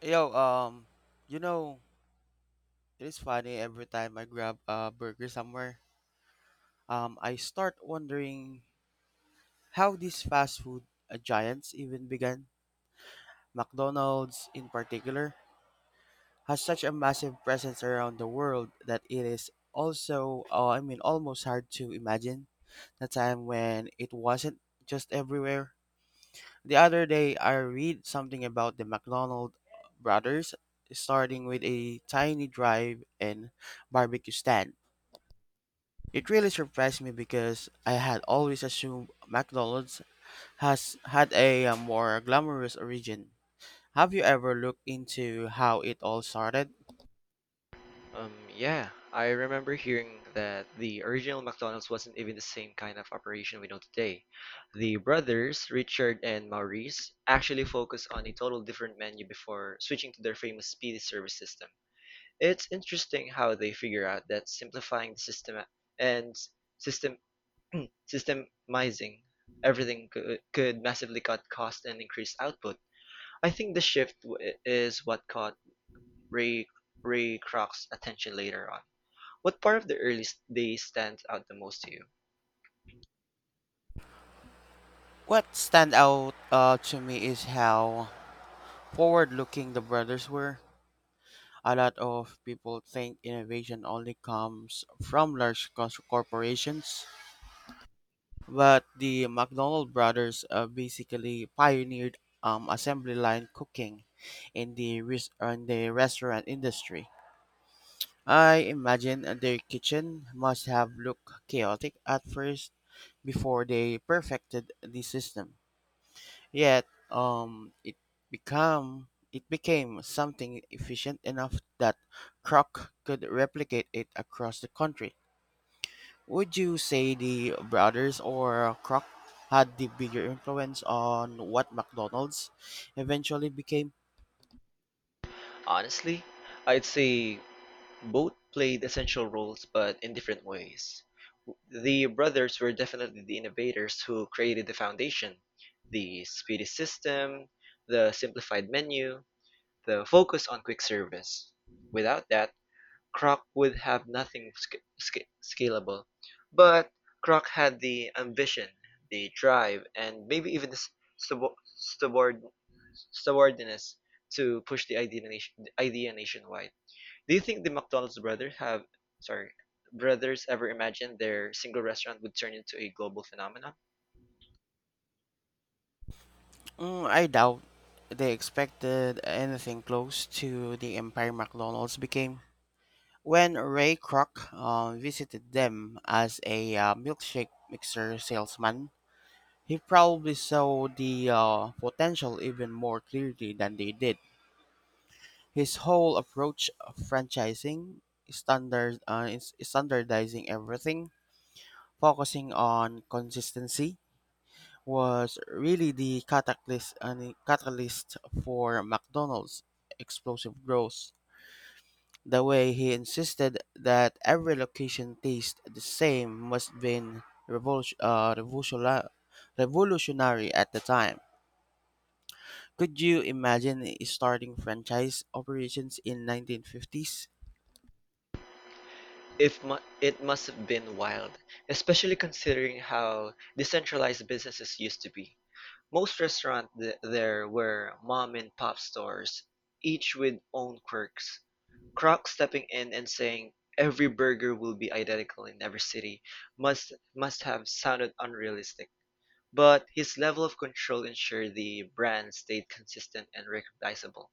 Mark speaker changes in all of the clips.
Speaker 1: Yo, um, you know, it is funny every time I grab a burger somewhere. I start wondering how these fast food giants even began. McDonald's, in particular, has such a massive presence around the world that it is also, almost hard to imagine the time when it wasn't just everywhere. The other day, I read something about the McDonald brothers starting with a tiny drive and barbecue stand. It really surprised me because I had always assumed McDonald's has had a more glamorous origin. Have you ever looked into how it all started?
Speaker 2: Yeah, I remember hearing that the original McDonald's wasn't even the same kind of operation we know today. The brothers, Richard and Maurice, actually focused on a total different menu before switching to their famous speedy service system. It's interesting how they figure out that simplifying the system and system systemizing everything could massively cut cost and increase output. I think the shift is what caught Ray Ray Kroc's attention later on. What part of the earliest days stands out the most to you?
Speaker 1: What stand out to me is how forward-looking the brothers were. A lot of people think innovation only comes from large corporations, but the McDonald brothers basically pioneered assembly line cooking in the restaurant industry. I imagine their kitchen must have looked chaotic at first before they perfected the system. Yet, um, it it became something efficient enough that Kroc could replicate it across the country. Would you say the Brothers or Kroc had the bigger influence on what McDonald's eventually became?
Speaker 2: Honestly, I'd say both played essential roles but in different ways. The brothers were definitely the innovators who created the foundation, the speedy system, the simplified menu, the focus on quick service. Without that, Croc would have nothing scalable. But Croc had the ambition, the drive, and maybe even the stubor- stubborn stubbornness to push the idea nationwide. Do you think the McDonald's brothers have sorry brothers ever imagined their single restaurant would turn into a global phenomenon?
Speaker 1: I doubt they expected anything close to the empire McDonald's became. When Ray Kroc visited them as a milkshake mixer salesman, he probably saw the potential even more clearly than they did. His whole approach of franchising, standardizing everything, focusing on consistency, was really the catalyst for McDonald's explosive growth. The way he insisted that every location tastes the same must have been revolu- uh, revolutionary revolutionary at the time. Could you imagine starting franchise operations in 1950s?
Speaker 2: If mu- It must have been wild, especially considering how decentralized businesses used to be. Most restaurants there were mom-and-pop stores, each with own quirks. Croc stepping in and saying "every burger will be identical in every city" must have sounded unrealistic, but his level of control ensured the brand stayed consistent and recognizable.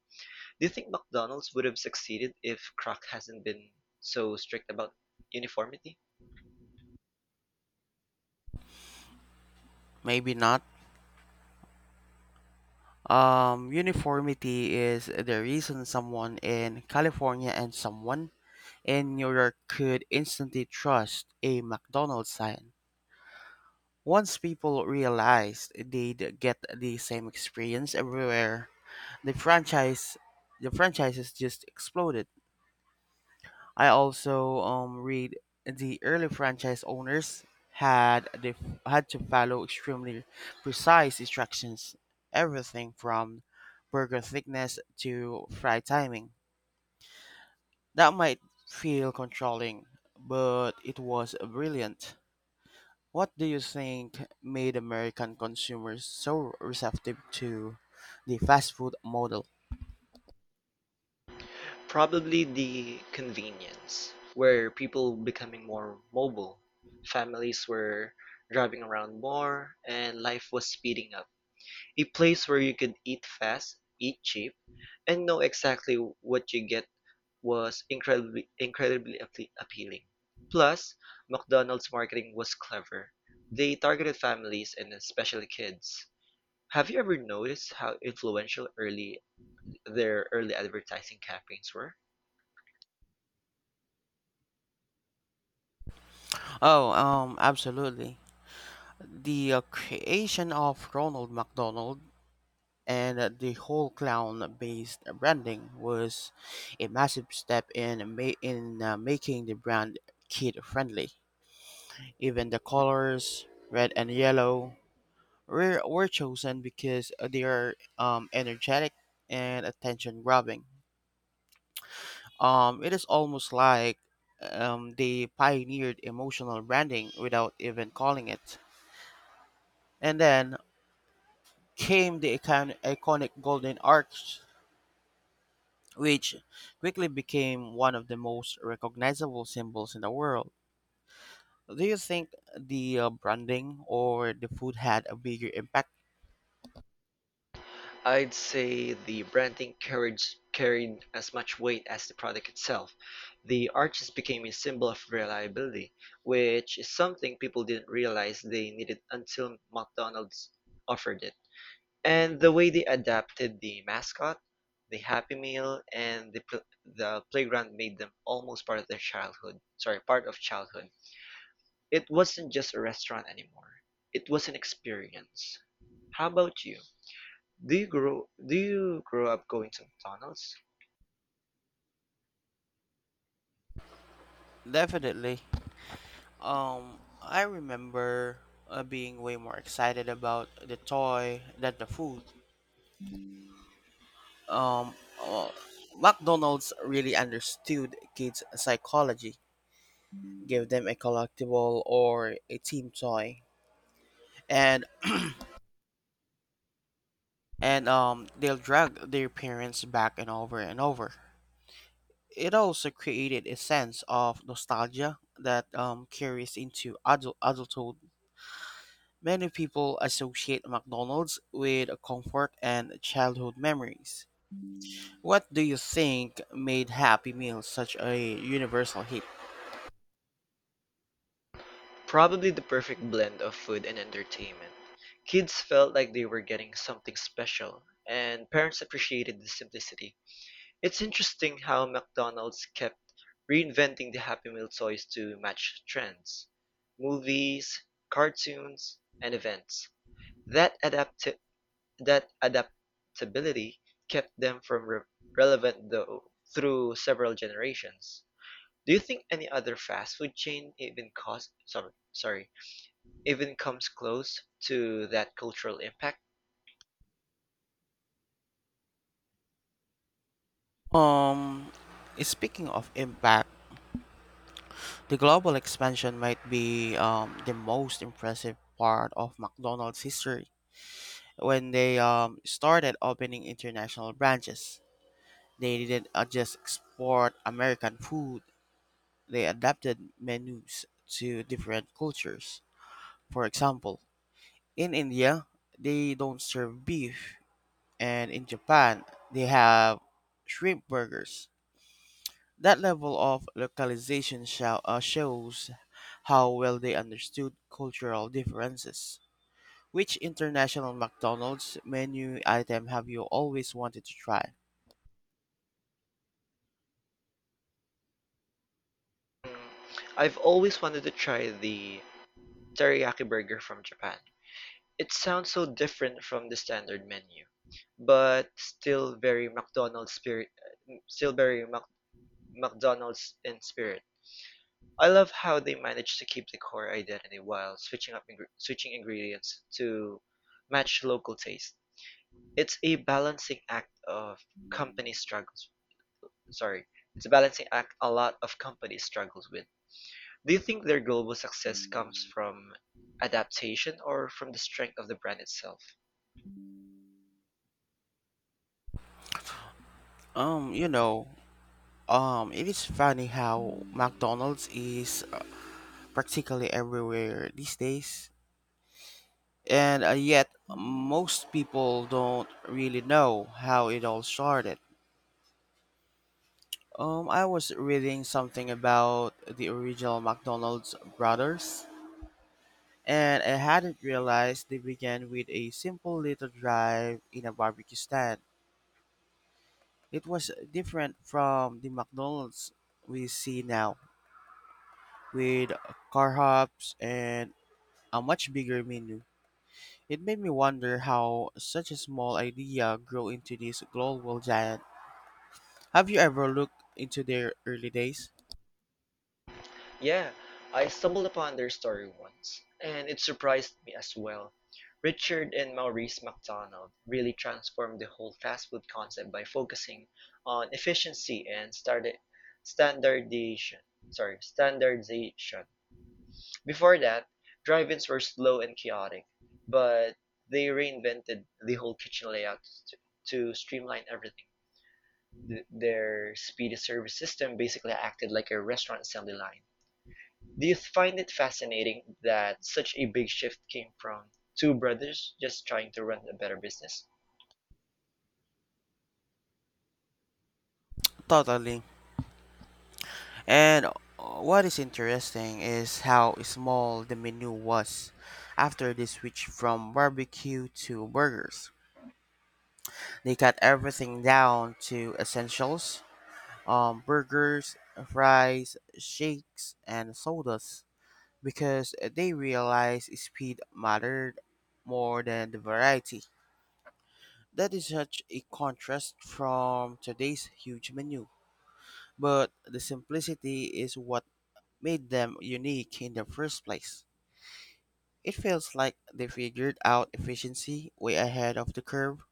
Speaker 2: Do you think McDonald's would have succeeded if Croc has not been so strict about uniformity?
Speaker 1: Maybe not. Uniformity is the reason someone in California and someone in New York could instantly trust a McDonald's sign. Once people realized they'd get the same experience everywhere, the franchise the franchises just exploded. I also read the early franchise owners had they had to follow extremely precise instructions, everything from burger thickness to fry timing. That might feel controlling, but it was brilliant. What do you think made American consumers so receptive to the fast food model?
Speaker 2: Probably the convenience, where people becoming more mobile, families were driving around more, and life was speeding up. A place where you could eat fast, eat cheap, and know exactly what you get was incredibly appealing. Plus, McDonald's marketing was clever. They targeted families and especially kids. Have you ever noticed how influential early their early advertising campaigns were?
Speaker 1: Oh, Absolutely. The creation of Ronald McDonald and the whole clown-based branding was a massive step in making the brand kid-friendly. Even the colors, red and yellow, were chosen because they are energetic and attention-grabbing. It is almost like they pioneered emotional branding without even calling it. And then came the iconic golden arch which quickly became one of the most recognizable symbols in the world. Do you think the branding or the food had a bigger impact?
Speaker 2: I'd say the carried as much weight as the product itself. The arches became a symbol of reliability, which is something people didn't realize they needed until McDonald's offered it. And the way they adapted the mascot, the Happy Meal, and the playground made them almost part of childhood. It wasn't just a restaurant anymore. It was an experience. How about you? Do you grow up going to McDonald's?
Speaker 1: Definitely. I remember being way more excited about the toy than the food. Um, uh, McDonald's really understood kids' psychology, gave them a collectible or a team toy, and they'll drag their parents back and over and over. It also created a sense of nostalgia that carries into adulthood. Many people associate McDonald's with comfort and childhood memories. What do you think made Happy Meal such a universal hit?
Speaker 2: Probably the perfect blend of food and entertainment. Kids felt like they were getting something special, and parents appreciated the simplicity. It's interesting how McDonald's kept reinventing the Happy Meal toys to match trends, movies, cartoons, and events. That adapt That adaptability kept them from relevant though through several generations. Do you think any other fast food chain even cost sorry, sorry, even comes close to that cultural impact?
Speaker 1: Um, Speaking of impact, the global expansion might be the most impressive part of McDonald's history when they started opening international branches. They didn't just export American food, they adapted menus to different cultures. For example, in India, they don't serve beef, and in Japan, they have shrimp burgers. That level of localization shows how well they understood cultural differences. Which international McDonald's menu item have you always wanted to try?
Speaker 2: Mm, I've always wanted to try the teriyaki burger from Japan. It sounds so different from the standard menu, but still very McDonald's in spirit. I love how they manage to keep the core identity while switching ingredients to match local taste. It's a balancing act of company struggles. Sorry, it's a balancing act a lot of companies struggles with. Do you think their global success comes from adaptation or from the strength of the brand itself?
Speaker 1: Um, you know, it is funny how McDonald's is practically everywhere these days, and yet most people don't really know how it all started. I was reading something about the original McDonald's brothers, and I hadn't realized they began with a simple little drive in a barbecue stand. It was different from the McDonald's we see now, with car hops and a much bigger menu. It made me wonder how such a small idea grew into this global giant. Have you ever looked into their early days?
Speaker 2: Yeah, I stumbled upon their story once, and it surprised me as well. Richard and Maurice McDonald really transformed the whole fast food concept by focusing on efficiency and standardization. Standardization. Before that, drive-ins were slow and chaotic, but they reinvented the whole kitchen layout to, to streamline everything. Their speedy service system basically acted like a restaurant assembly line. Do you find it fascinating that such a big shift came from two brothers just trying to run a better business?
Speaker 1: Totally. And What is interesting is how small the menu was. After they switched from barbecue to burgers, they cut everything down to essentials: burgers, fries, shakes, and sodas, because they realized speed mattered more than the variety. That is such a contrast from today's huge menu, but the simplicity is what made them unique in the first place. It feels like they figured out efficiency way ahead of the curve.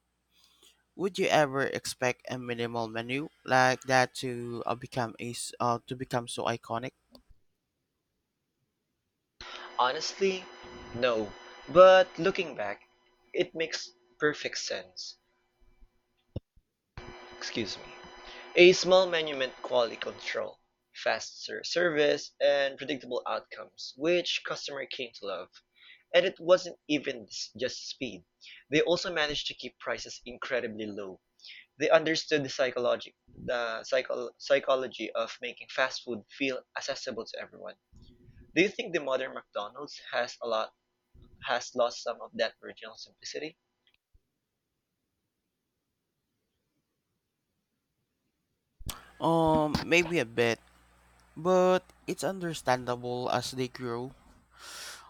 Speaker 1: Would you ever expect a minimal menu like that to to become so iconic?
Speaker 2: Honestly, no. But looking back, it makes perfect sense. Excuse me. A small monument quality control, faster service, and predictable outcomes, which customer came to love. And it wasn't even just speed. They also managed to keep prices incredibly low. They understood the psychology the psycho- psychology of making fast food feel accessible to everyone. Do you think the modern McDonald's has a lot has lost some of that original simplicity?
Speaker 1: Maybe a bit, but it's understandable as they grew.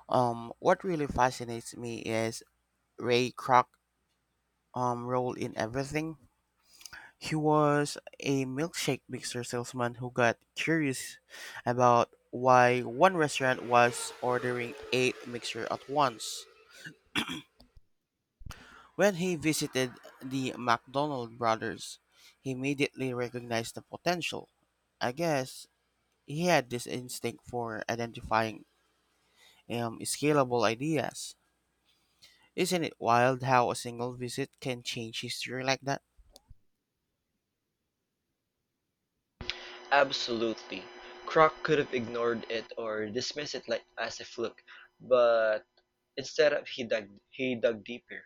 Speaker 1: What really fascinates me is Ray Kroc role in everything. He was a milkshake mixer salesman who got curious about why one restaurant was ordering eight mixers at once. When he visited the McDonald brothers, he immediately recognized the potential. I guess he had this instinct for identifying scalable ideas. Isn't it wild how a single visit can change history like that?
Speaker 2: Absolutely. Kroc could have ignored it or dismissed it like as a fluke, but instead of he dug deeper.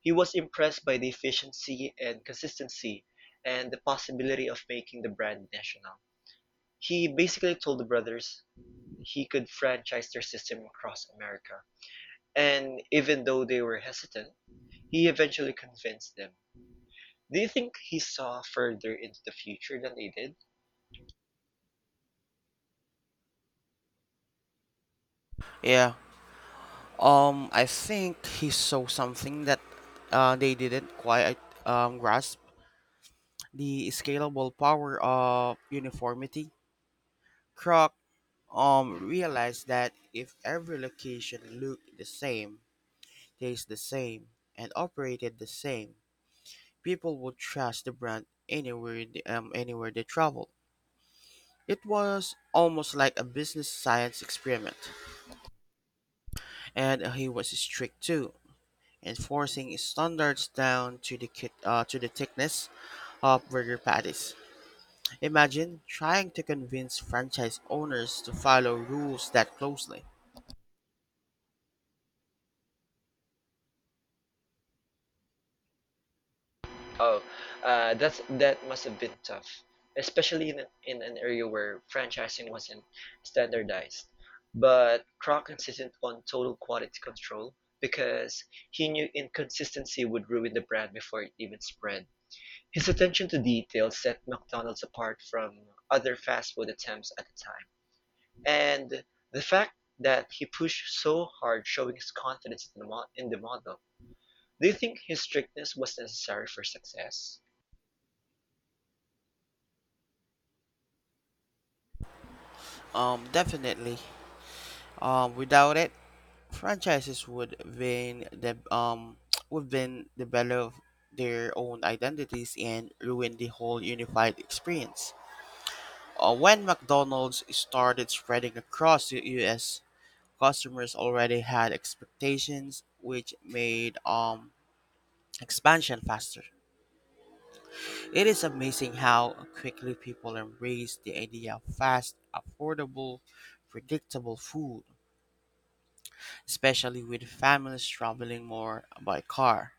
Speaker 2: He was impressed by the efficiency and consistency and the possibility of making the brand national. He basically told the brothers he could franchise their system across America. And even though they were hesitant, he eventually convinced them. Do you think he saw further into the future than they did?
Speaker 1: Yeah, I think he saw something that they didn't quite grasp the scalable power of uniformity. Kroc realized that if every location looked the same, tastes the same, and operated the same, people would trust the brand anywhere they traveled. It was almost like a business science experiment, and he was strict too. Enforcing standards down to to the thickness of burger patties. Imagine trying to convince franchise owners to follow rules that closely.
Speaker 2: Oh, that must have been tough, especially in an area where franchising wasn't standardized. But Kroc insisted on total quality control because he knew inconsistency would ruin the brand before it even spread. His attention to detail set McDonald's apart from other fast food attempts at the time, and the fact that he pushed so hard showing his confidence in in the model. Do you think his strictness was necessary for success?
Speaker 1: Definitely. Without it, franchises would been the would been develop their own identities and ruin the whole unified experience. When McDonald's started spreading across the U.S., customers already had expectations, which made expansion faster. It is amazing how quickly people embrace the idea of fast, affordable, predictable food, especially with families traveling more by car.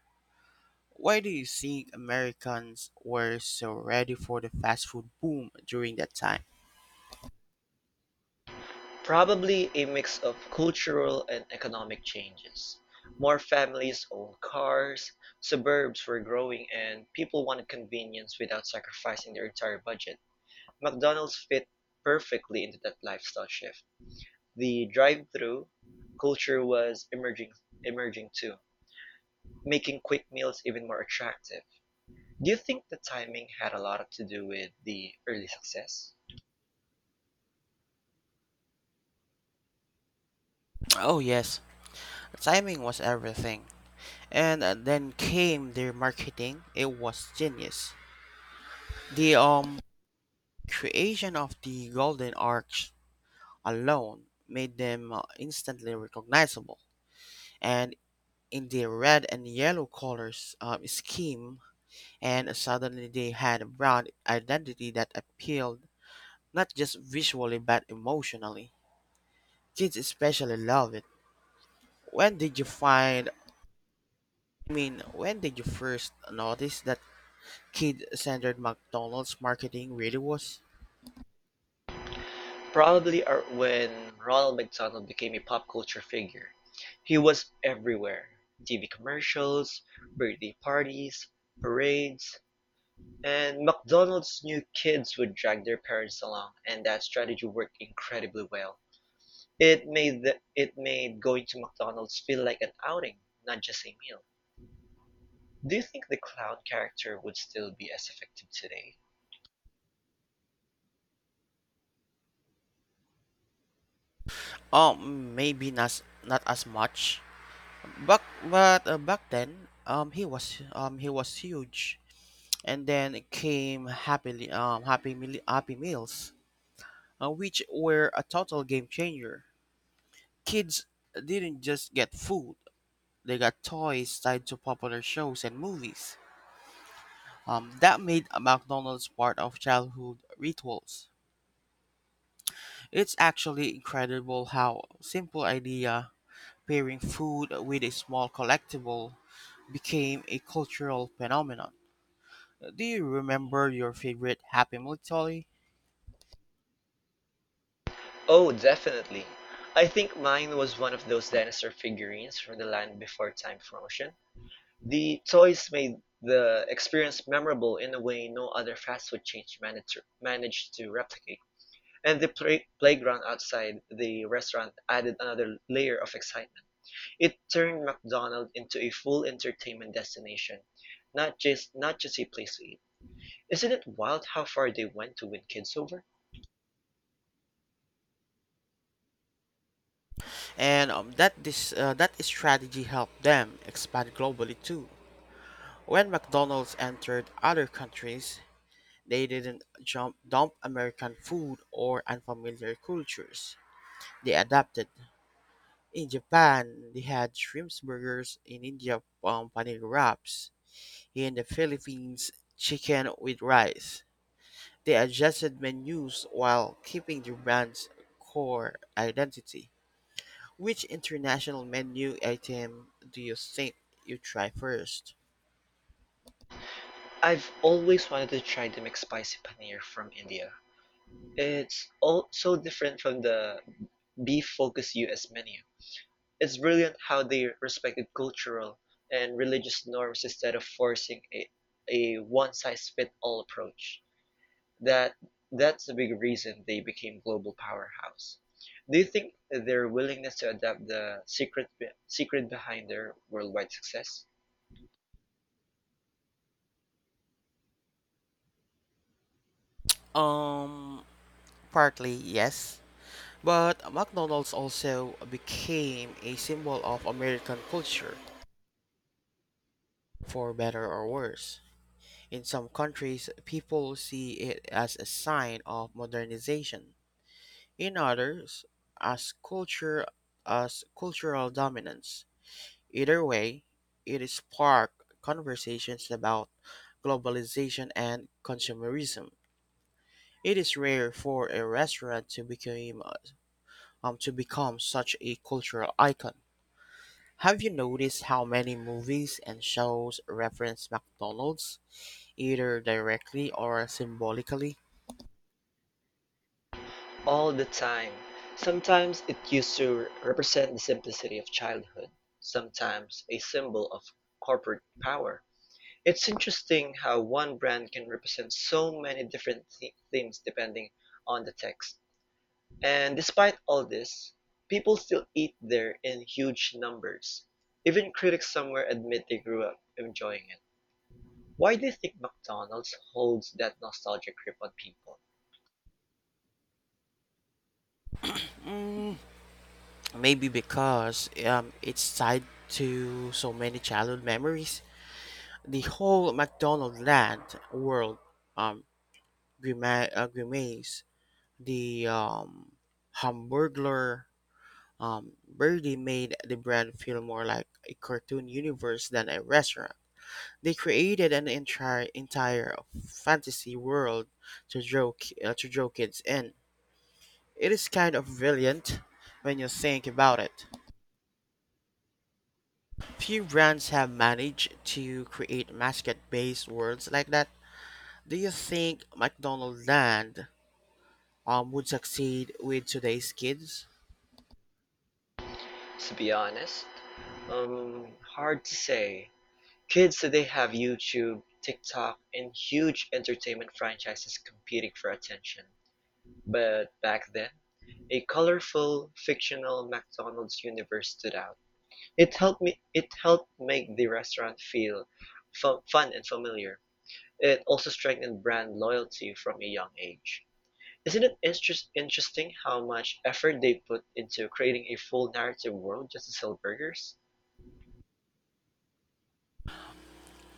Speaker 1: Why do you think Americans were so ready for the fast food boom during that time?
Speaker 2: Probably a mix of cultural and economic changes. More families owned cars, suburbs were growing, and people wanted convenience without sacrificing their entire budget. McDonald's fit perfectly into that lifestyle shift. The drive-through culture was emerging too, making quick meals even more attractive. Do you think the timing had a lot to do with the early success?
Speaker 1: Oh, yes, timing was everything. And Then came their marketing. It was genius. The creation of the Golden Arch alone made them instantly recognizable, and in the red and yellow colors scheme, and suddenly they had a brand identity that appealed not just visually but emotionally. Kids especially love it. When did you find? When did you first notice that kid-centered McDonald's marketing really was?
Speaker 2: Probably when Ronald McDonald became a pop culture figure. He was everywhere. TV commercials, birthday parties, parades, and McDonald's knew kids would drag their parents along, and that strategy worked incredibly well. It made going to McDonald's feel like an outing, not just a meal. Do you think the clown character would still be as effective today?
Speaker 1: Oh, maybe not not as much Back but back then, he was huge, and then came happy meals, which were a total game changer. Kids didn't just get food; they got toys tied to popular shows and movies. That made McDonald's part of childhood rituals. It's actually incredible how simple idea pairing food with a small collectible became a cultural phenomenon. Do you remember your favorite Happy Meal toy?
Speaker 2: Oh, definitely. I think mine was one of those dinosaur figurines from the Land Before Time promotion. The toys made the experience memorable in a way no other fast food chain managed to replicate. And playground outside the restaurant added another layer of excitement. It turned McDonald's into a full entertainment destination, not just a place to eat. Isn't it wild how far they went to win kids over?
Speaker 1: And that this That strategy helped them expand globally too. When McDonald's entered other countries, they didn't jump dump American food or unfamiliar cultures. They adapted. In Japan, they had shrimp burgers. In India, paneer wraps. In the Philippines, chicken with rice. They adjusted menus while keeping their brand's core identity. Which international menu item do you think you try first?
Speaker 2: I've always wanted to try the McSpicy paneer from India. It's all so different from the beef-focused US menu. It's brilliant how they respected cultural and religious norms instead of forcing a one-size-fits-all approach. that that's a big reason they became global powerhouse. Do you think their willingness to adapt the secret behind their worldwide success?
Speaker 1: Um, Partly yes, but McDonald's also became a symbol of American culture, for better or worse. In some countries, people see it as a sign of modernization. In others, as culture as cultural dominance. Either way, it sparked conversations about globalization and consumerism. It is rare for a restaurant to become such a cultural icon. Have you noticed how many movies and shows reference McDonald's, either directly or symbolically?
Speaker 2: All the time. Sometimes it used to represent the simplicity of childhood, sometimes a symbol of corporate power. It's interesting how one brand can represent so many different themes depending on the text. And despite all this, people still eat there in huge numbers. Even critics somewhere admit they grew up enjoying it. Why do you think McDonald's holds that nostalgia grip on people?
Speaker 1: Maybe because it's tied to so many childhood memories. The whole McDonald land world um, grimace, The Hamburglar, Birdie made the brand feel more like a cartoon universe than a restaurant. They created an entire fantasy world to to draw kids in. It is kind of brilliant when you think about it. Few brands have managed to create mascot-based worlds like that. Do you think McDonaldland would succeed with today's kids?
Speaker 2: To be honest, hard to say. Kids today have YouTube, TikTok, and huge entertainment franchises competing for attention. But back then, a colorful, fictional McDonald's universe stood out. It helped me. It helped make the restaurant feel fun and familiar. It also strengthened brand loyalty from a young age. Isn't it interest interesting how much effort they put into creating a full narrative world just to sell burgers?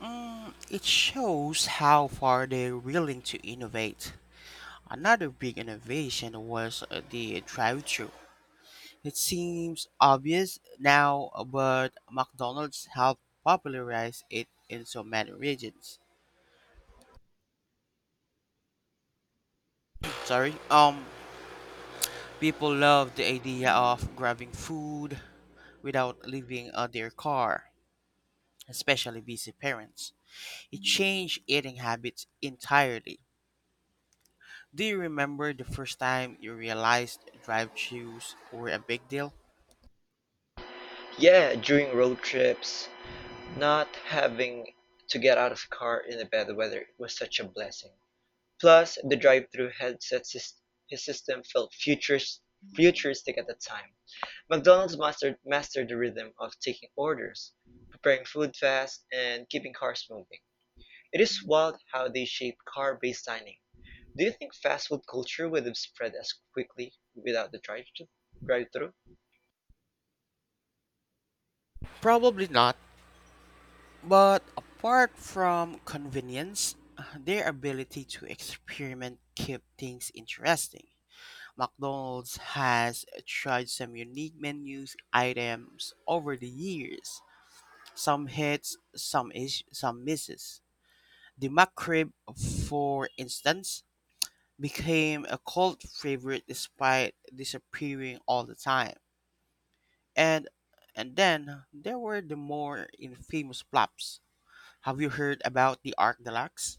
Speaker 1: It shows how far they're willing to innovate. Another big innovation was the drive-thru. It seems obvious now, but McDonald's helped popularize it in so many regions. Sorry. People love the idea of grabbing food without leaving their car, especially busy parents. It changed eating habits entirely. Do you remember the first time you realized drive-thrus were a big deal?
Speaker 2: Yeah, during road trips, not having to get out of the car in the bad weather was such a blessing. Plus, the drive-thru headset his system felt futuristic at the time. McDonald's mastered the rhythm of taking orders, preparing food fast, and keeping cars moving. It is wild how they shape car-based dining. Do you think fast food culture would have spread as quickly without the drive-thru?
Speaker 1: Probably not, but apart from convenience, their ability to experiment kept things interesting. McDonald's has tried some unique menus items over the years. Some hits, some misses. The McRib, for instance, became a cult favorite despite disappearing all the time. And and then there were the more infamous flops. Have you heard about the Arc Deluxe?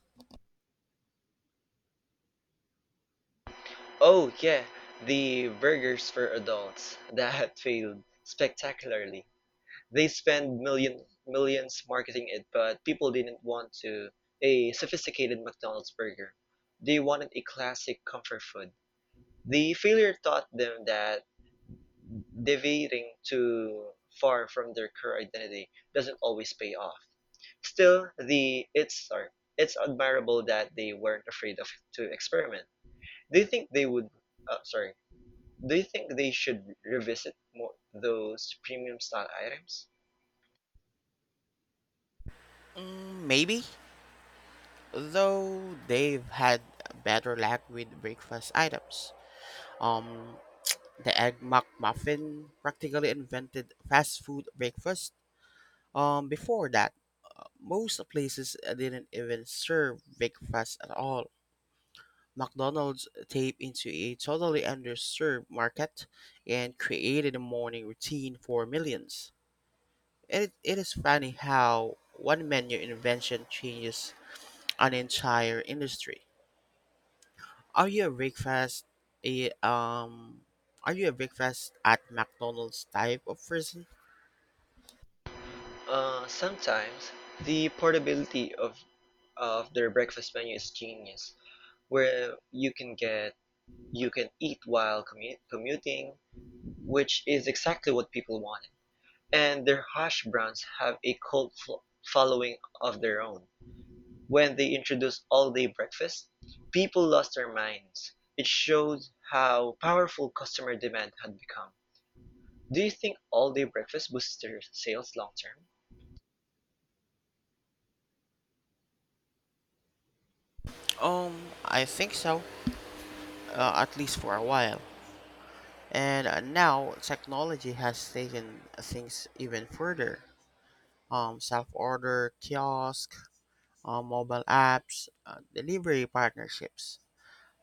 Speaker 2: Oh yeah, the burgers for adults that failed spectacularly. They spend millions marketing it, but people didn't want to a sophisticated McDonald's burger. They wanted a classic comfort food. The failure taught them that deviating too far from their core identity doesn't always pay off. Still, it's admirable that they weren't afraid of to experiment. Do you think they would? Sorry. Do you think they should revisit more those premium style items?
Speaker 1: Mm, maybe, though they've had better luck with breakfast items. Um, the Egg McMuffin practically invented fast food breakfast. Before that, most places didn't even serve breakfast at all. McDonald's tapped into a totally underserved market and created a morning routine for millions. It is funny how one menu invention changes an entire industry. Are you a breakfast a are you a breakfast at McDonald's type of person?
Speaker 2: Sometimes the portability of their breakfast menu is genius, where you can eat while commuting, which is exactly what people wanted. And their hash browns have a cult following of their own. When they introduced all-day breakfast, people lost their minds. It shows how powerful customer demand had become. Do you think all-day breakfast boosts their sales long term?
Speaker 1: Um, I think so, at least for a while. And Now technology has taken things even further. Self order, kiosk, mobile apps, delivery partnerships.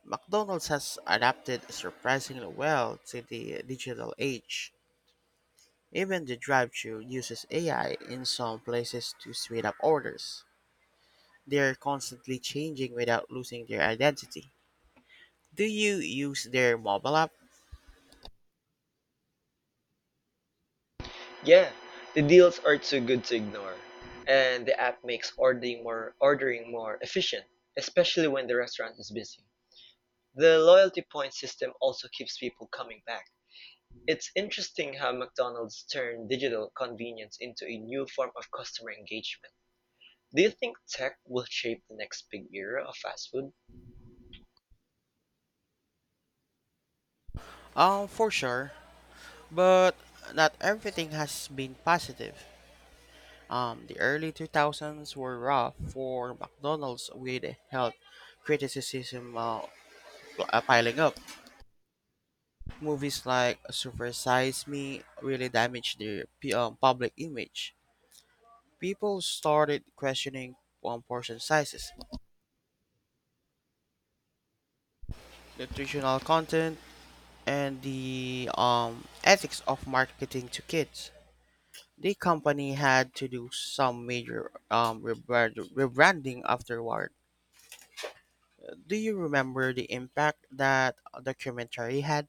Speaker 1: McDonald's has adapted surprisingly well to the digital age. Even the drive-thru uses AI in some places to speed up orders. They're constantly changing without losing their identity. Do you use their mobile app?
Speaker 2: Yeah, the deals are too good to ignore, and the app makes ordering more efficient, especially when the restaurant is busy. The loyalty point system also keeps people coming back. It's interesting how McDonald's turned digital convenience into a new form of customer engagement. Do you think tech will shape the next big era of fast food?
Speaker 1: For sure, but not everything has been positive. The early 2000s were rough for McDonald's with health criticism piling up. Movies like Super Size Me really damaged the public image. People started questioning portion sizes, nutritional content, and the ethics of marketing to kids. The company had to do some major rebranding afterward. Do you remember the impact that documentary had?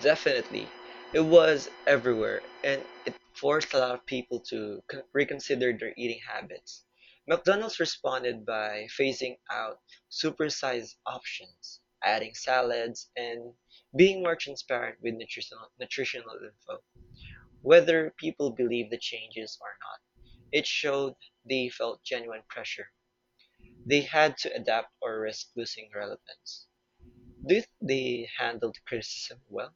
Speaker 2: Definitely. It was everywhere, and it forced a lot of people to reconsider their eating habits. McDonald's responded by phasing out supersized options, adding salads, and being more transparent with nutritional info. Whether people believe the changes or not, it showed they felt genuine pressure. They had to adapt or risk losing relevance. Do you think they handled criticism well?